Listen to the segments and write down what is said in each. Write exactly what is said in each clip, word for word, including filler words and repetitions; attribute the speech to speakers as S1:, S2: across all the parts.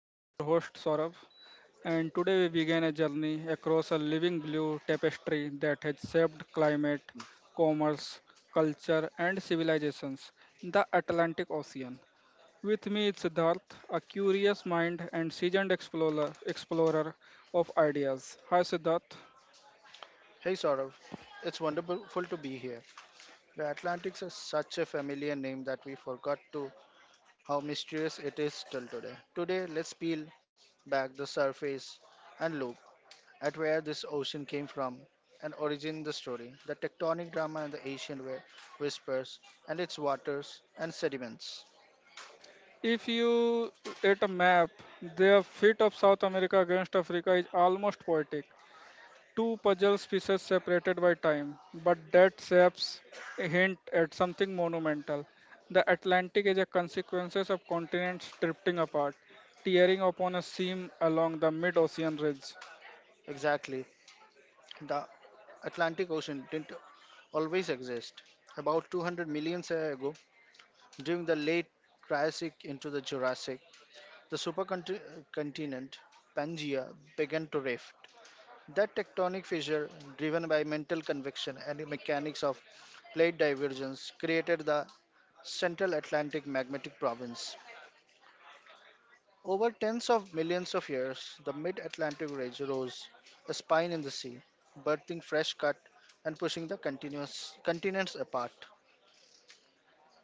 S1: I am your host Saurav, and today we begin a journey across a living blue tapestry that has shaped climate, commerce, culture, and civilizations, the Atlantic Ocean. With me is Siddharth, a curious mind and seasoned explorer, explorer of ideas. Hi Siddharth.
S2: Hey Saurav, it's wonderful to be here. The Atlantic is such a familiar name that we forgot to how mysterious it is till today. Today, let's peel back the surface and look at where this ocean came from and origin the story, the tectonic drama and the ancient whi- whispers and its waters and sediments.
S1: If you at a map, the fit of South America against Africa is almost poetic. Two puzzle pieces separated by time, but that shapes a hint at something monumental. The Atlantic is a consequence of continents drifting apart, tearing upon a seam along the mid ocean ridge.
S2: Exactly, the Atlantic Ocean didn't always exist. About two hundred million years ago, during the late Triassic into the Jurassic, the supercontinent Pangaea began to rift. That tectonic fissure, driven by mantle convection and the mechanics of plate divergence, created the Central Atlantic Magmatic Province. Over tens of millions of years, the mid Atlantic Ridge rose, a spine in the sea, birthing fresh cut and pushing the continuous continents apart.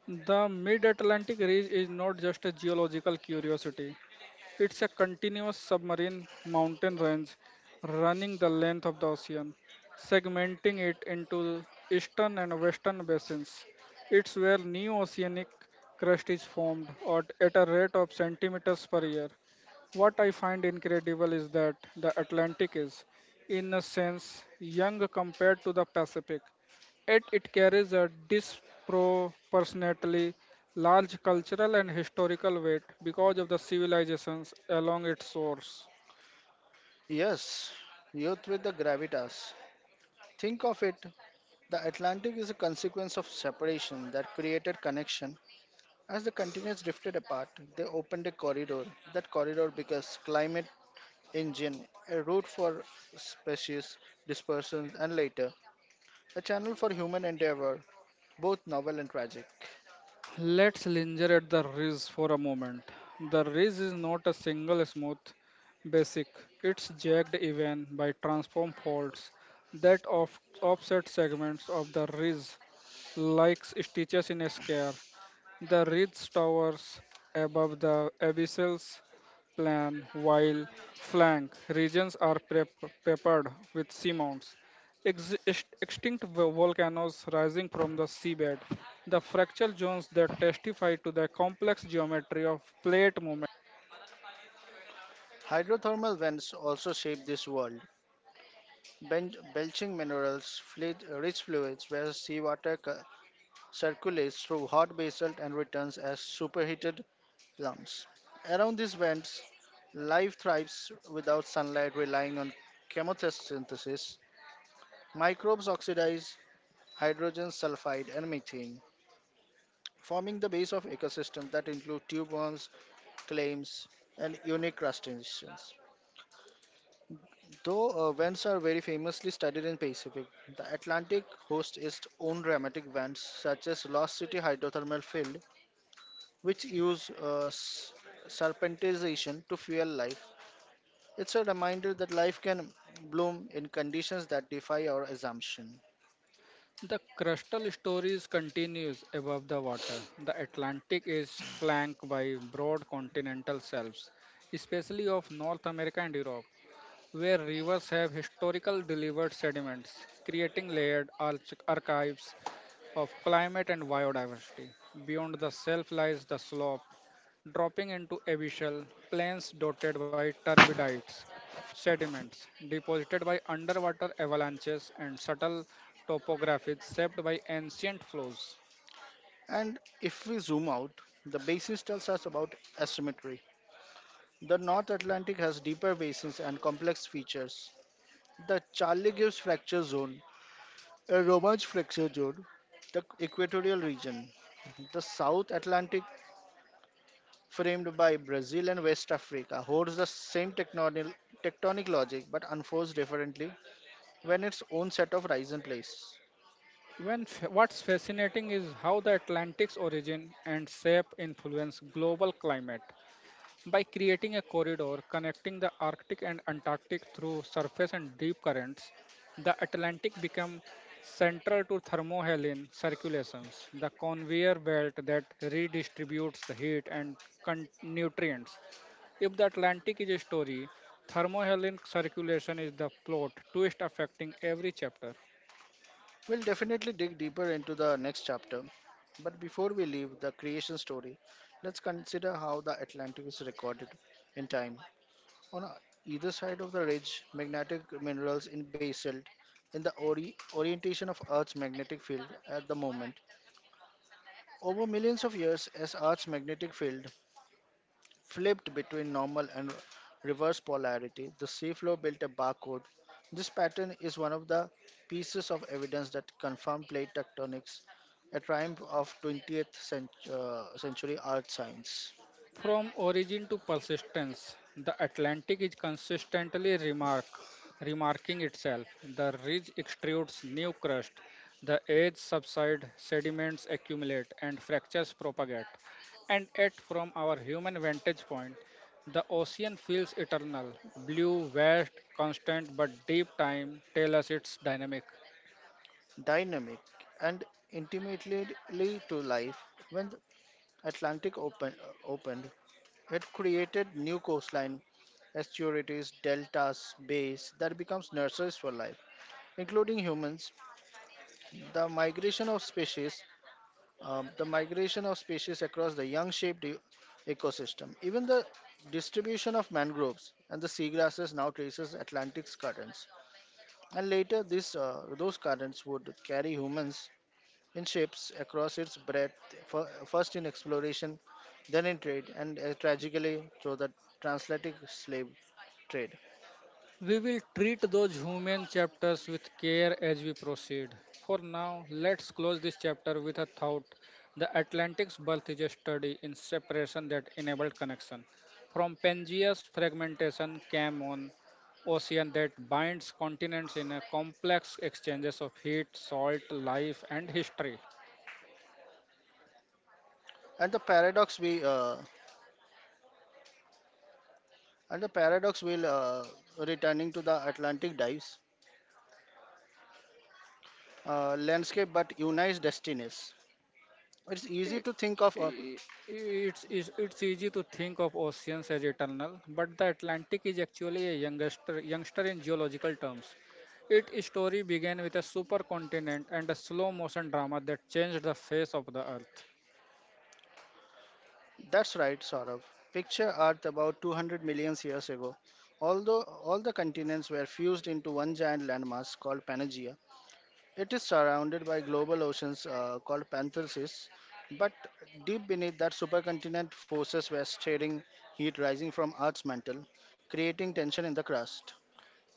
S1: The mid Atlantic ridge is not just a geological curiosity. It's a continuous submarine mountain range running the length of the ocean, segmenting it into eastern and western basins. It's where new oceanic crust is formed at at a rate of centimeters per year. What I find incredible is that the Atlantic is, in a sense, young compared to the Pacific, yet it carries a disproportionately large cultural and historical weight because of the civilizations along its source.
S2: Yes, youth with the gravitas. Think of it. The Atlantic is a consequence of separation that created connection. As the continents drifted apart, they opened a corridor. That corridor becomes climate engine, a route for species dispersion, and later a channel for human endeavor, both novel and tragic.
S1: Let's linger at the ridge for a moment. The ridge is not a single smooth basic, it's jagged even by transform faults that off- offset segments of the ridge, like stitches in a square. The ridge towers above the abyssal plan, while flank regions are prep- peppered with seamounts, ex- ex- extinct vo- volcanoes rising from the seabed, the fractal zones that testify to the complex geometry of plate movement.
S2: Hydrothermal vents also shape this world. Ben- belching minerals, fluid- rich fluids where seawater cu- circulates through hot basalt and returns as superheated lungs. Around these vents, life thrives without sunlight relying on chemosynthesis. Microbes oxidize hydrogen sulfide and methane, forming the base of ecosystems that include tube worms, clams, and unique crustaceans. Though, uh, vents are very famously studied in Pacific, the Atlantic hosts its own dramatic vents, such as Lost City hydrothermal field, which use uh, s- serpentization to fuel life. It's a reminder that life can bloom in conditions that defy our assumption.
S1: The crustal stories continues above the water. The Atlantic is flanked by broad continental shelves, especially of North America and Europe, where rivers have historical delivered sediments, creating layered arch- archives of climate and biodiversity. Beyond the shelf lies the slope dropping into abyssal plains dotted by turbidites, sediments deposited by underwater avalanches, and subtle topographies shaped by ancient flows.
S2: And if we zoom out, the basin tells us about asymmetry. The North Atlantic has deeper basins and complex features. The Charlie Gibbs fracture zone, a Romanche fracture zone, the equatorial region. The South Atlantic, framed by Brazil and West Africa, holds the same tectonic, tectonic logic but unfolds differently when its own set of rise and place.
S1: When f- what's fascinating is how the Atlantic's origin and shape influence global climate. By creating a corridor connecting the Arctic and Antarctic through surface and deep currents, the Atlantic became central to thermohaline circulations, the conveyor belt that redistributes the heat and con- nutrients. If the Atlantic is a story, thermohaline circulation is the plot twist affecting every chapter.
S2: We'll definitely dig deeper into the next chapter. But before we leave the creation story, let's consider how the Atlantic is recorded in time. On either side of the ridge, magnetic minerals in basalt in the ori- orientation of Earth's magnetic field at the moment. Over millions of years, as Earth's magnetic field flipped between normal and reverse polarity. The seafloor built a barcode. This pattern is one of the pieces of evidence that confirm plate tectonics, a triumph of twentieth cent- uh, century art science.
S1: From origin to persistence, the Atlantic is consistently remark, remarking itself. The ridge extrudes new crust, the edge subside, sediments accumulate, and fractures propagate. And yet, from our human vantage point, the ocean feels eternal, blue, vast, constant, but deep time tells us it's dynamic.
S2: Dynamic and intimately to life, when the Atlantic open, uh, opened, it created new coastline, estuaries, deltas, bays that becomes nurseries for life, including humans. The migration of species um, the migration of species across the young shaped e- ecosystem. Even the distribution of mangroves and the seagrasses now traces Atlantic's currents. And later, this, uh, those currents would carry humans in ships across its breadth, fir- first in exploration, then in trade, and uh, tragically through the transatlantic slave trade.
S1: We will treat those human chapters with care as we proceed. For now, let's close this chapter with a thought. The Atlantic's birth is a study in separation that enabled connection. From Pangaea's fragmentation came an ocean that binds continents in a complex exchanges of heat, salt, life, and history.
S2: And the paradox we uh, and the paradox will uh, returning to the Atlantic dives uh, landscape, but unites destinies. It's easy to think of a.
S1: I- It's, it's, it's easy to think of oceans as eternal, but the Atlantic is actually a youngster, youngster in geological terms. Its story began with a supercontinent and a slow motion drama that changed the face of the earth.
S2: That's right, Saurav. Picture Earth about two hundred million years ago. Although all the continents were fused into one giant landmass called Pangaea, it is surrounded by global oceans, uh, called Panthersis. But deep beneath that supercontinent, forces were stirring heat rising from Earth's mantle, creating tension in the crust.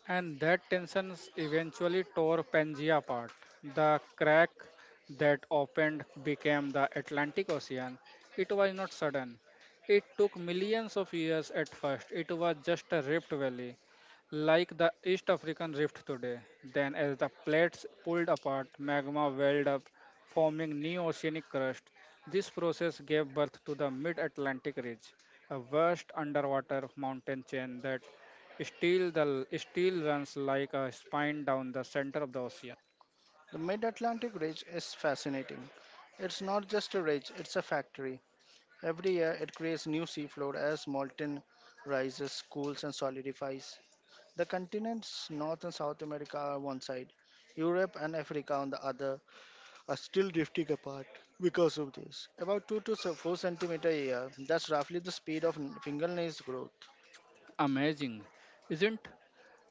S1: And that tension eventually tore Pangea apart. The crack that opened became the Atlantic Ocean. It was not sudden. It took millions of years at first. It was just a rift valley, like the East African rift today. Then, as the plates pulled apart, magma welled up, forming new oceanic crust. This process gave birth to the Mid Atlantic Ridge, a vast underwater mountain chain that Steel, the, steel runs like a spine down the center of the ocean.
S2: The mid Atlantic Ridge is fascinating. It's not just a ridge, it's a factory. Every year, it creates new seafloor as molten rises, cools, and solidifies. The continents, North and South America, are one side. Europe and Africa, on the other, are still drifting apart because of this. About two to se- four centimeter a year, that's roughly the speed of n- fingernails growth.
S1: Amazing, isn't?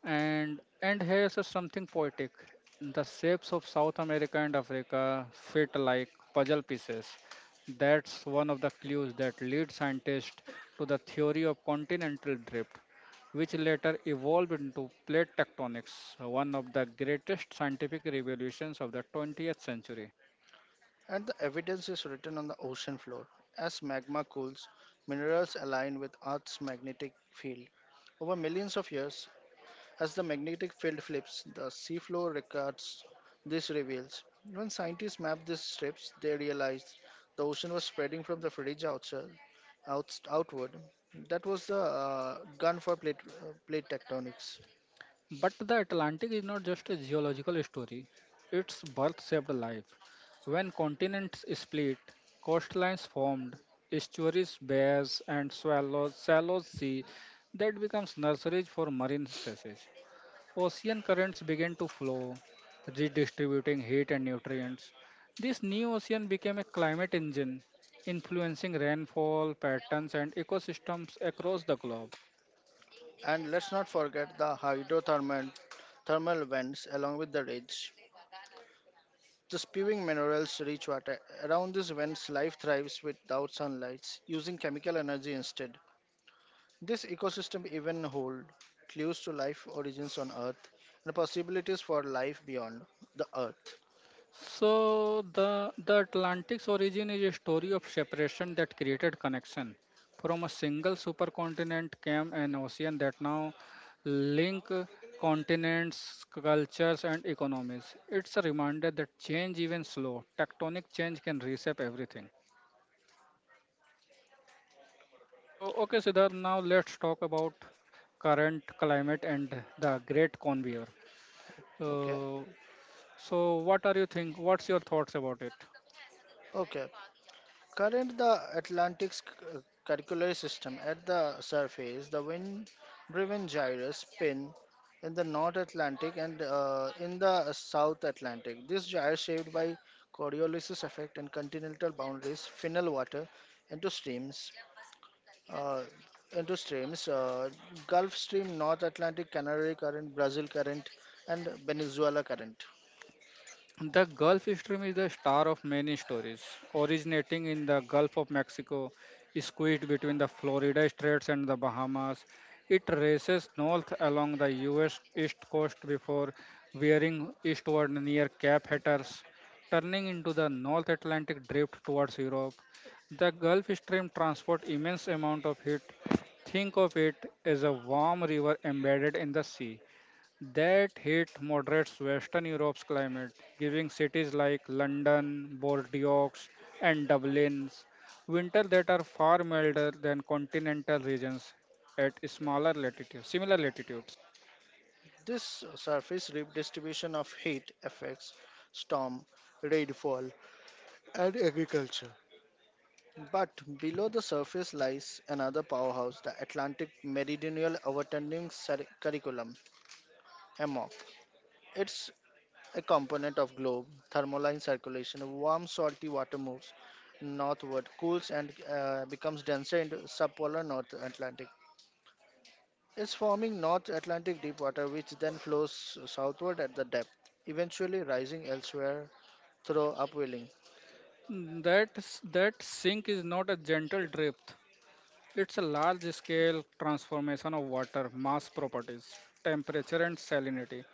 S1: And and here's something poetic. The shapes of South America and Africa fit like puzzle pieces. That's one of the clues that lead scientists to the theory of continental drift, which later evolved into plate tectonics, one of the greatest scientific revolutions of the twentieth century.
S2: And the evidence is written on the ocean floor. As magma cools, minerals align with Earth's magnetic field. Over millions of years, as the magnetic field flips, the seafloor records these reveals. When scientists mapped these strips, they realized the ocean was spreading from the fridge outside, out, outward. That was the uh, gun for plate, uh, plate tectonics.
S1: But the Atlantic is not just a geological story, its birth saved life. When continents split, coastlines formed, estuaries, bays, and swallows, shallow sea that becomes nurseries for marine species. Ocean currents began to flow, redistributing heat and nutrients. This new ocean became a climate engine, influencing rainfall patterns and ecosystems across the globe.
S2: And let's not forget the hydrothermal thermal vents along with the ridge. The spewing minerals reach water. Around these vents, life thrives without sunlight, using chemical energy instead. This ecosystem even hold clues to life origins on Earth and possibilities for life beyond the Earth.
S1: So the the Atlantic's origin is a story of separation that created connection. From a single supercontinent came an ocean that now link uh, continents, cultures, and economies. It's a reminder that change, even slow, tectonic change can reshape everything. So, okay, Siddharth, now let's talk about current climate and the Great Conveyor.
S2: Okay.
S1: Uh, so, what are you think? What's your thoughts about it?
S2: Okay. Current the Atlantic's c- uh, curricular system at the surface, the wind-driven gyres spin in the North Atlantic and uh, in the South Atlantic. This gyre shaped by Coriolis effect and continental boundaries funnel water into streams uh, into streams uh, Gulf Stream, North Atlantic, Canary Current, Brazil Current, and Venezuela Current.
S1: The Gulf Stream is the star of many stories. Originating in the Gulf of Mexico, squeezed between the Florida Straits and the Bahamas, it races north along the U S east coast before veering eastward near Cape Hatteras, turning into the North Atlantic drift towards Europe. The Gulf Stream transports immense amount of heat. Think of it as a warm river embedded in the sea. That heat moderates Western Europe's climate, giving cities like London, Bordeaux, and Dublin's winter that are far milder than continental regions at smaller latitudes, similar latitudes.
S2: This surface redistribution of heat affects storm, rainfall, and agriculture. But below the surface lies another powerhouse, the Atlantic Meridional Overturning Cir- Curriculum, AMOC. It's a component of globe thermaline circulation. Warm salty water moves northward, cools, and uh, becomes denser in the subpolar North Atlantic. It's forming North Atlantic deep water, which then flows southward at the depth, eventually rising elsewhere through upwelling.
S1: That s- that sink is not a gentle drift. It's a large scale transformation of water mass properties, temperature, and salinity,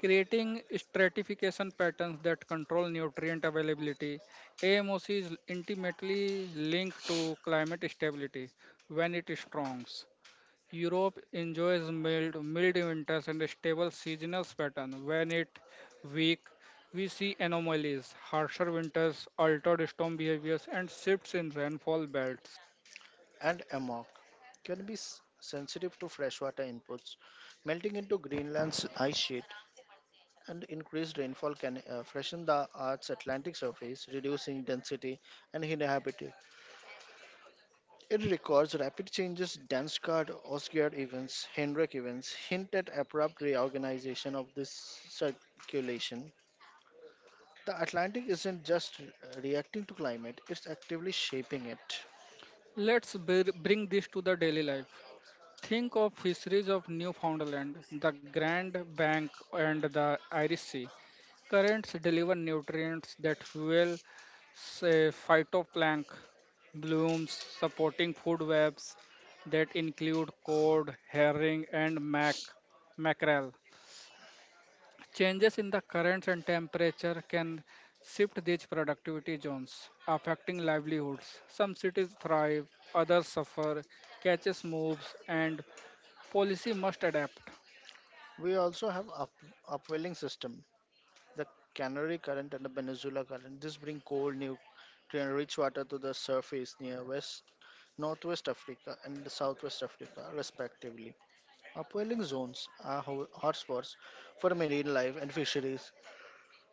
S1: creating stratification patterns that control nutrient availability. AMOC is intimately linked to climate stability when it strong. Europe enjoys mild, mild winters and a stable seasonal pattern. When it weak, we see anomalies, harsher winters, altered storm behaviors, and shifts in rainfall belts.
S2: And amok can be s- sensitive to freshwater inputs melting into Greenland's ice sheet, and increased rainfall can uh, freshen the Earth's Atlantic surface, reducing density and inhabitability. It records rapid changes, dance card, Oscar events, Hendrick events, hint at abrupt reorganization of this circulation. The Atlantic isn't just reacting to climate, it's actively shaping it.
S1: Let's br- bring this to the daily life. Think of fisheries of Newfoundland, the Grand Bank, and the Irish Sea. Currents deliver nutrients that fuel say, phytoplankton blooms, supporting food webs that include cod, herring, and mac- mackerel. Changes in the currents and temperature can shift these productivity zones, affecting livelihoods. Some cities thrive, others suffer, catches moves, and policy must adapt.
S2: We also have up- upwelling system, the Canary Current and the Peninsula Current. This bring cold, nutrient-rich water to the surface near West, Northwest Africa and the Southwest Africa, respectively. Upwelling zones are ho- hotspots for marine life and fisheries,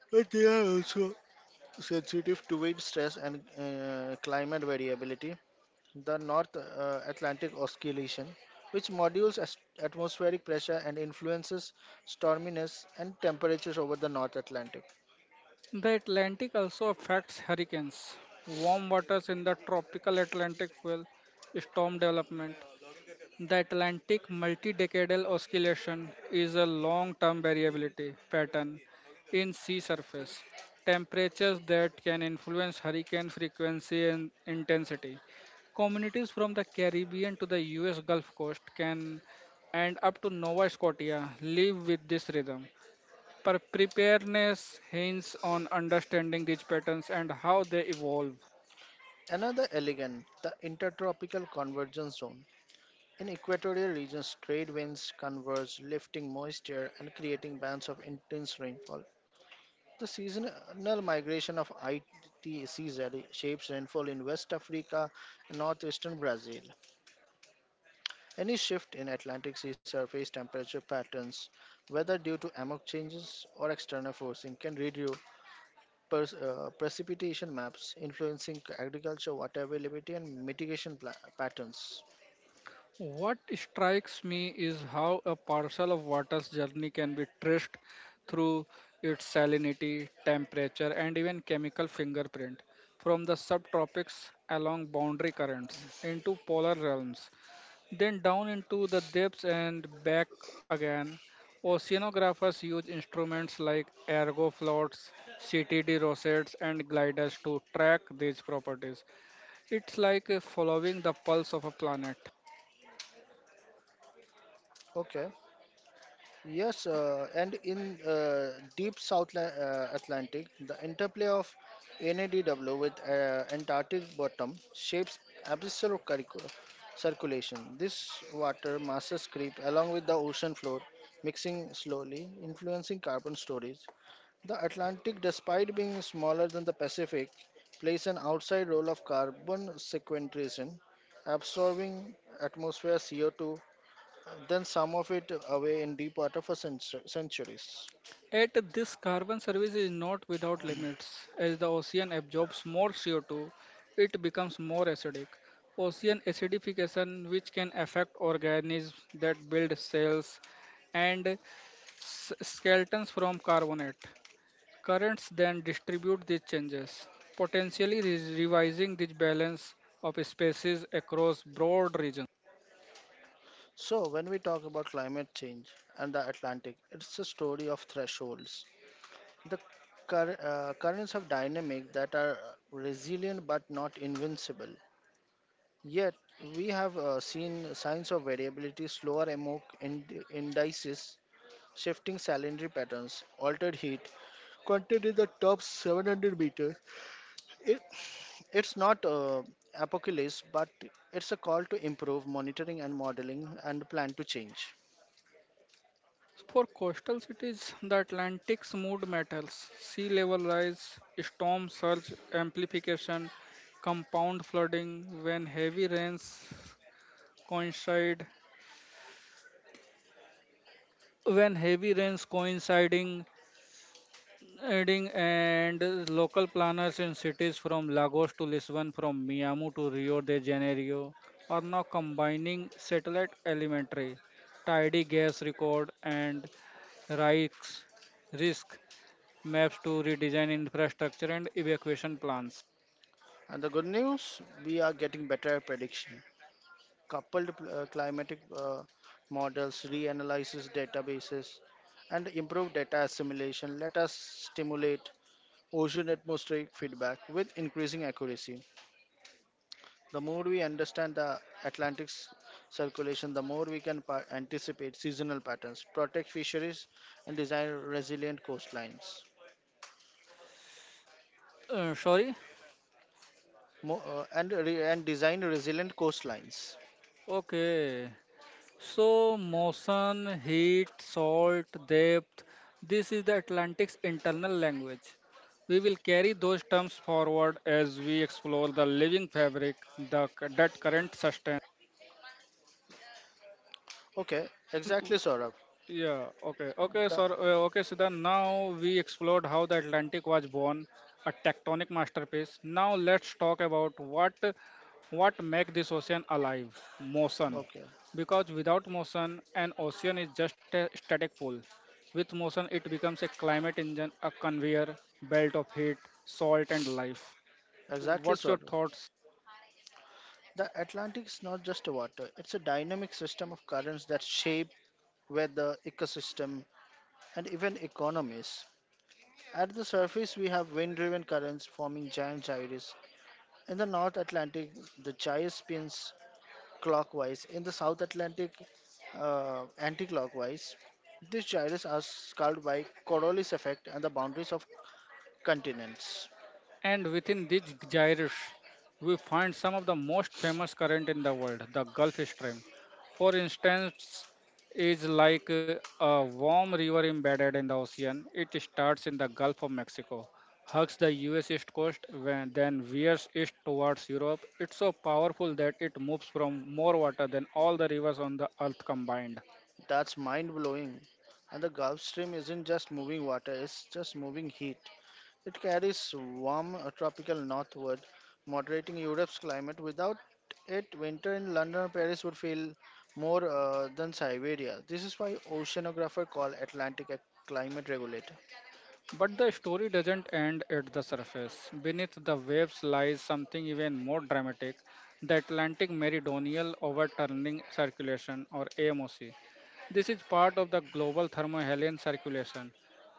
S2: but they are also sensitive to wind stress and uh, climate variability. The North uh, Atlantic Oscillation, which modulates as- atmospheric pressure and influences storminess and temperatures over the North Atlantic.
S1: The Atlantic also affects hurricanes. Warm waters in the tropical Atlantic fuel storm development. The Atlantic multi-decadal oscillation is a long-term variability pattern in sea surface temperatures that can influence hurricane frequency and intensity. Communities from the Caribbean to the U S Gulf Coast can and up to Nova Scotia live with this rhythm. Pre- Preparedness hinges on understanding these patterns and how they evolve.
S2: Another elegant, the Intertropical Convergence Zone. In equatorial regions, trade winds converge, lifting moisture and creating bands of intense rainfall. The seasonal migration of I T C Z shapes rainfall in West Africa and northeastern Brazil. Any shift in Atlantic sea surface temperature patterns, whether due to amok changes or external forcing, can reduce pers- uh, precipitation maps, influencing agriculture water availability and mitigation pla- patterns.
S1: What strikes me is how a parcel of water's journey can be traced through its salinity, temperature, and even chemical fingerprint from the subtropics along boundary currents into polar realms, then down into the depths and back again. Oceanographers use instruments like ergo floats, C T D rosettes, and gliders to track these properties. It's like uh, following the pulse of a planet.
S2: Okay. Yes,
S1: And
S2: uh, and in uh, deep South La- uh, Atlantic, the interplay of N A D W with uh, Antarctic bottom shapes abyssal curricu- circulation. This water masses creep along with the ocean floor, mixing slowly, influencing carbon storage. The Atlantic, despite being smaller than the Pacific, plays an outside role of carbon sequestration, absorbing atmosphere C O two, then some of it away in deep water for centu- centuries.
S1: At this carbon service is not without limits. As the ocean absorbs more C O two, it becomes more acidic. Ocean acidification, which can affect organisms that build cells and s- skeletons from carbonate. Currents then distribute these changes, potentially re- revising the balance of species across broad regions.
S2: So, when we talk about climate change and the Atlantic, it's a story of thresholds. The cur- uh, currents of dynamic that are resilient but not invincible. Yet, we have uh, seen signs of variability, slower M O C ind- indices, shifting salinity patterns, altered heat. Content in the top seven hundred meters. It's not uh, apocalypse, but it's a call to improve monitoring and modeling and plan to change.
S1: For coastal cities, the Atlantic's mood matters. Sea level rise, storm surge amplification, compound flooding when heavy rains coincide when heavy rains coinciding adding and local planners in cities from Lagos to Lisbon, from Miami to Rio de Janeiro are now combining satellite elementary, tidy gas record and risks risk maps to redesign infrastructure and evacuation plans.
S2: And the good news, we are getting better at prediction. Coupled uh, climatic uh, models, reanalysis databases, and improved data assimilation let us stimulate ocean atmospheric feedback with increasing accuracy. The more we understand the Atlantic's circulation, the more we can pa- anticipate seasonal patterns, protect fisheries, and design resilient coastlines.
S1: Uh, sorry.
S2: Mo- uh, and re- and design resilient coastlines.
S1: Okay. So motion, heat, salt, depth. This is the Atlantic's internal language. We will carry those terms forward as we explore the living fabric the, that current sustains.
S2: Okay,
S1: Come.
S2: exactly, Saurabh.
S1: Yeah, okay. Okay,
S2: The
S1: sir. Uh, okay, Siddhan. Now we explored how the Atlantic was born, a tectonic masterpiece. Now let's talk about what what make this ocean alive, motion.
S2: okay,
S1: Because without motion, an ocean is just a static pool. With motion, it becomes a climate engine, a conveyor belt of heat, salt, and life. You,
S2: exactly,
S1: what's your
S2: Saurabh.
S1: thoughts?
S2: The Atlantic is not just water; it's a dynamic system of currents that shape weather, ecosystem, and even economies. At the surface, we have wind-driven currents forming giant gyres. In the North Atlantic, the gyre spins clockwise. In the South Atlantic, uh, anti-clockwise. These gyres are scarred by Coriolis effect and the boundaries of continents.
S1: And within these gyres, we find some of the most famous current in the world, the Gulf Stream. For instance, is like uh, a warm river embedded in the ocean. It starts in the Gulf of Mexico, hugs the U S east coast, when, then veers east towards Europe. It's so powerful that it moves from more water than all the rivers on the earth combined.
S2: That's mind-blowing. And the Gulf Stream isn't just moving water; it's just moving heat. It carries warm, uh, tropical northward, moderating Europe's climate. Without it, winter in London or Paris would feel more uh, than Siberia. This is why oceanographers call Atlantic a climate regulator.
S1: But the story doesn't end at the surface. Beneath the waves lies something even more dramatic, the Atlantic Meridional Overturning Circulation or AMOC. This is part of the global thermohaline circulation,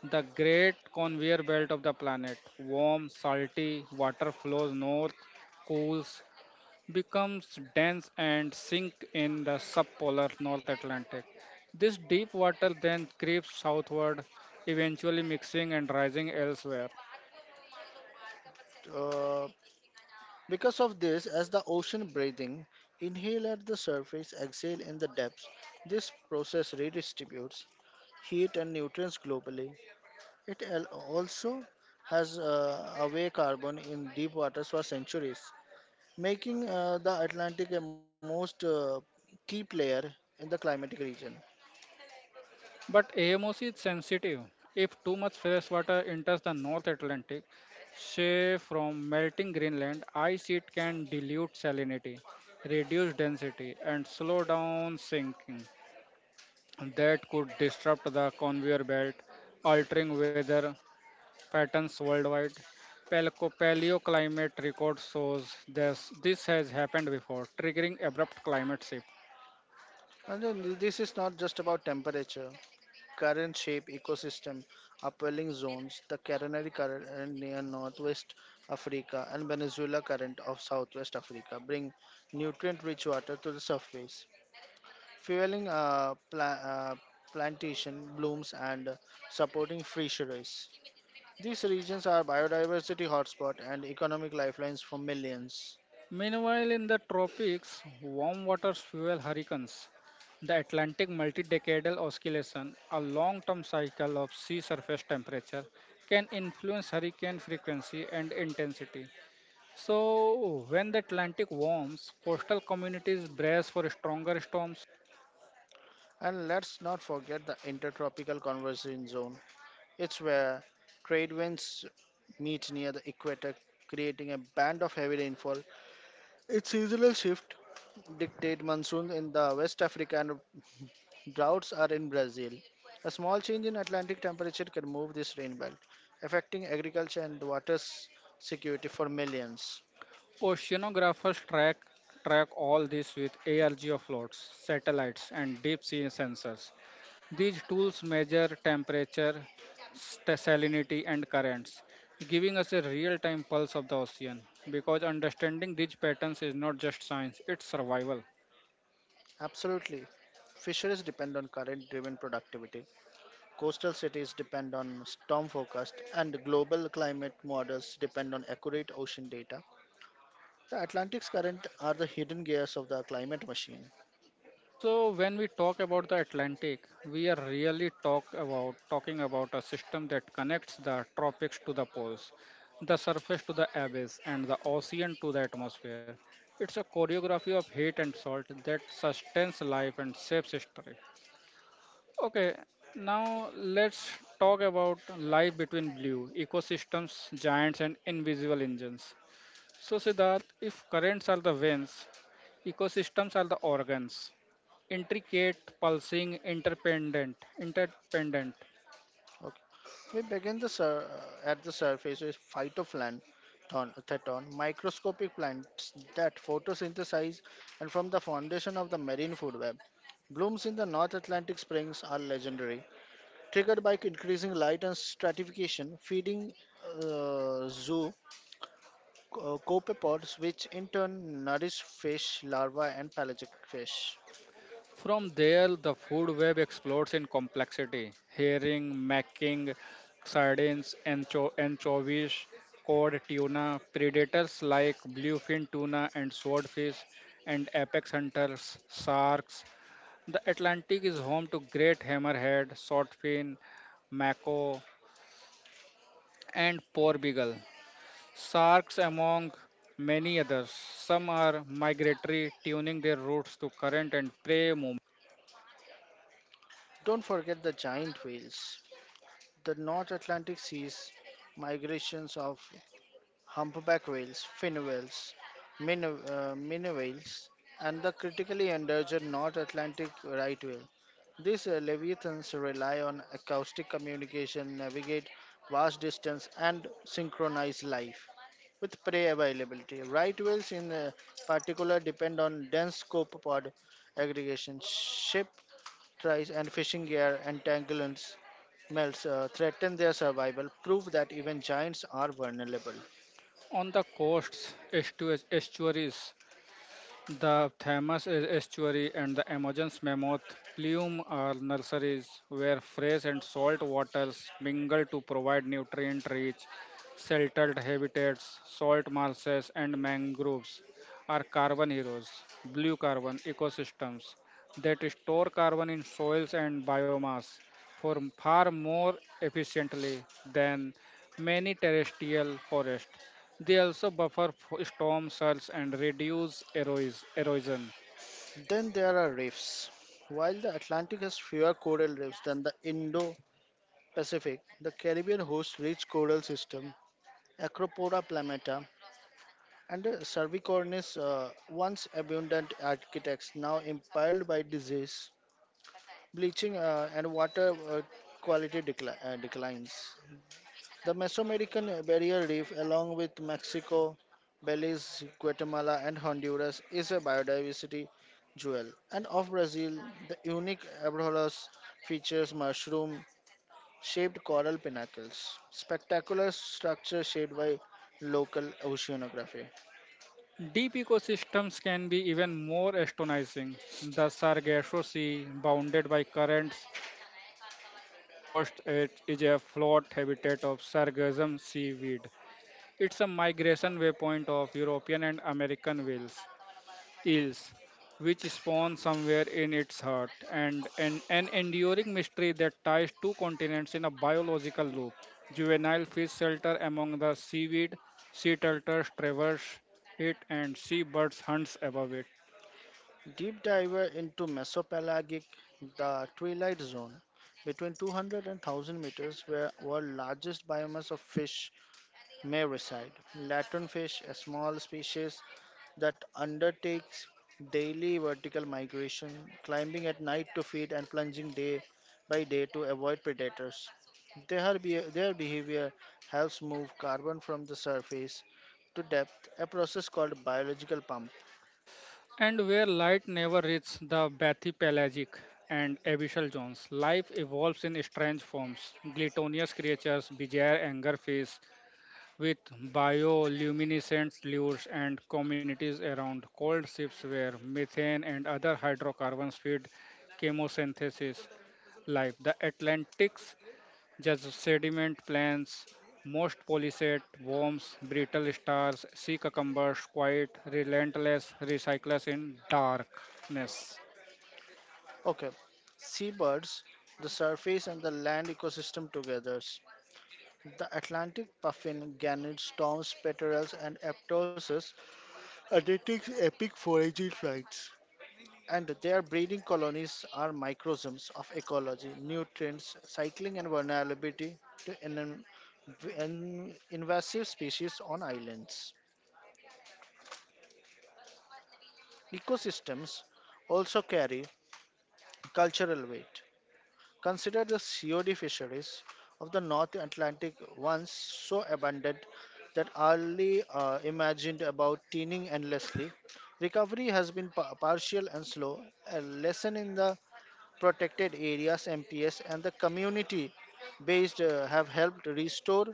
S1: the great conveyor belt of the planet. Warm, salty water flows north, cools, becomes dense and sink in the subpolar North Atlantic. This deep water then creeps southward, eventually mixing and rising elsewhere.
S2: Uh, because of this, as the ocean breathing, inhale at the surface, exhale in the depths. This process redistributes heat and nutrients globally. It al- also has uh, away carbon in deep waters for centuries. making uh, the Atlantic a most uh, key player in the climatic region.
S1: But AMOC is sensitive. If too much fresh water enters the North Atlantic, say from melting Greenland, ice it can dilute salinity, reduce density, and slow down sinking. That could disrupt the conveyor belt, altering weather patterns worldwide. Palco- Paleoclimate record shows this, this has happened before, triggering abrupt climate shift.
S2: And then this is not just about temperature, current shape, ecosystem, upwelling zones, the Carinary current and near northwest Africa and Venezuela current of southwest Africa bring nutrient-rich water to the surface, fueling uh, pla- uh, plantation blooms and supporting fisheries. These regions are biodiversity hotspot and economic lifelines for millions.
S1: Meanwhile, in the tropics, warm waters fuel hurricanes. The Atlantic multi-decadal oscillation, a long-term cycle of sea surface temperature, can influence hurricane frequency and intensity. So, when the Atlantic warms, coastal communities brace for stronger storms.
S2: And let's not forget the intertropical conversion zone. It's where trade winds meet near the equator, creating a band of heavy rainfall. Its seasonal shift dictate monsoons in the West Africa and droughts are in Brazil. A small change in Atlantic temperature can move this rain belt, affecting agriculture and water s- security for millions.
S1: Oceanographers track track all this with A R G offloads, satellites, and deep sea sensors. These tools measure temperature, st- salinity, and currents, giving us a real-time pulse of the ocean. Because understanding these patterns is not just science; it's survival.
S2: Absolutely. Fisheries depend on current driven productivity. Coastal cities depend on storm forecast, and global climate models depend on accurate ocean data. The Atlantic's current are the hidden gears of the climate machine.
S1: So when we talk about the Atlantic, we are really talk about talking about a system that connects the tropics to the poles, the surface to the abyss, and the ocean to the atmosphere. It's a choreography of heat and salt that sustains life and shapes history. Okay, now let's talk about life between blue, ecosystems, giants, and invisible engines. So, Siddharth, if currents are the veins, ecosystems are the organs, intricate, pulsing, interdependent, interdependent.
S2: Okay. We begin the sur- uh, at the surface with phytoplankton, microscopic plants that photosynthesize, and from the foundation of the marine food web. Blooms in the North Atlantic springs are legendary, triggered by increasing light and stratification, feeding uh, zoo uh, copepods, which in turn nourish fish, larvae, and pelagic fish.
S1: From there, the food web explodes in complexity: herring, macking, sardines, ancho- anchovies, cod, tuna. Predators like bluefin tuna and swordfish, and apex hunters, sharks. The Atlantic is home to great hammerhead, swordfin, mako, and porbeagle. Sharks among many others. Some are migratory, tuning their routes to current and prey movement.
S2: Don't forget the giant whales. The North Atlantic Sea's migrations of humpback whales, fin whales, min, uh, minnow whales, and the critically endangered North Atlantic right whale. These uh, leviathans rely on acoustic communication, navigate vast distance, and synchronize life with prey availability. Right whales, in uh, particular, depend on dense copepod aggregation, ship tries and fishing gear entanglements melts uh, threaten their survival prove that even giants are vulnerable.
S1: On the coasts, estu- estuaries, the Thames is estuary and the Amazon's mammoth plume are nurseries where fresh and salt waters mingle to provide nutrient rich, sheltered habitats, salt marshes, and mangroves are carbon heroes, blue carbon ecosystems that store carbon in soils and biomass for far more efficiently than many terrestrial forests. They also buffer f- storm surge and reduce eros- erosion.
S2: Then there are reefs. While the Atlantic has fewer coral reefs than the Indo-Pacific, the Caribbean hosts rich coral system, Acropora planeta, and the Cervicornis, uh, once abundant architects, now imperiled by disease, bleaching, uh, and water uh, quality decli- uh, declines. The Mesoamerican barrier reef, along with Mexico, Belize, Guatemala, and Honduras, is a biodiversity jewel. And of Brazil, the unique Abrolhos features mushroom shaped coral pinnacles, spectacular structure shaped by local oceanography.
S1: Deep ecosystems can be even more astonishing. The Sargasso Sea, bounded by currents, coast it is a float habitat of sargassum seaweed. It's a migration waypoint of European and American whales. Ills, which spawn somewhere in its heart, and an, an enduring mystery that ties two continents in a biological loop. Juvenile fish shelter among the seaweed, sea turtles traverse it, and seabirds hunts above it.
S2: Deep diver into Mesopelagic, the twilight zone, between two hundred and one thousand meters, where world largest biomass of fish Mericide. Latonfish, a small species that undertakes daily vertical migration, climbing at night to feed and plunging day by day to avoid predators. Their, be- their behavior helps move carbon from the surface to depth, a process called biological pump.
S1: And where light never reaches the bathypelagic and abyssal zones, life evolves in strange forms. Gluttonous creatures, bizarre angerfish, with bioluminescent lures and communities around cold ships where methane and other hydrocarbons feed chemosynthesis life. The Atlantic's just sediment plants, most polychaete worms, brittle stars, sea cucumbers, quite relentless recyclers in darkness.
S2: Okay, seabirds, the surface and the land ecosystem together. The Atlantic puffin, gannets, storms, petrels, and aptosis undertakes epic foraging flights. And their breeding colonies are microcosms of ecology, nutrients, cycling, and vulnerability to an, an invasive species on islands. Ecosystems also carry cultural weight. Consider the COD fisheries of the North Atlantic, once so abundant that early uh, imagined about teeming endlessly. Recovery has been pa- partial and slow, a lesson in the protected areas, M P S, and the community based uh, have helped restore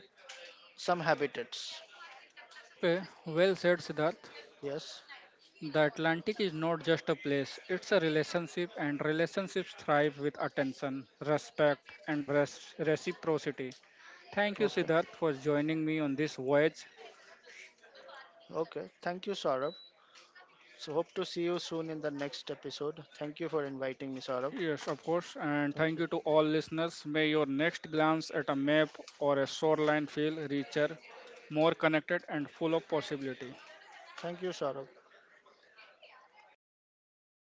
S2: some habitats.
S1: Okay, well said, Siddharth.
S2: Yes.
S1: The Atlantic is not just a place, it's a relationship, and relationships thrive with attention, respect, and res- reciprocity. Thank you,
S2: Okay.
S1: Siddharth, for joining me on this voyage.
S2: Okay. Thank you, Saurabh. So, hope to see you soon in the next episode. Thank you for inviting me, Saurabh.
S1: Yes, of course, and
S2: Thank
S1: thank
S2: you.
S1: you to all listeners. May your next glance at a map or a shoreline feel richer, more connected, and full of possibility.
S2: Thank you, Saurabh.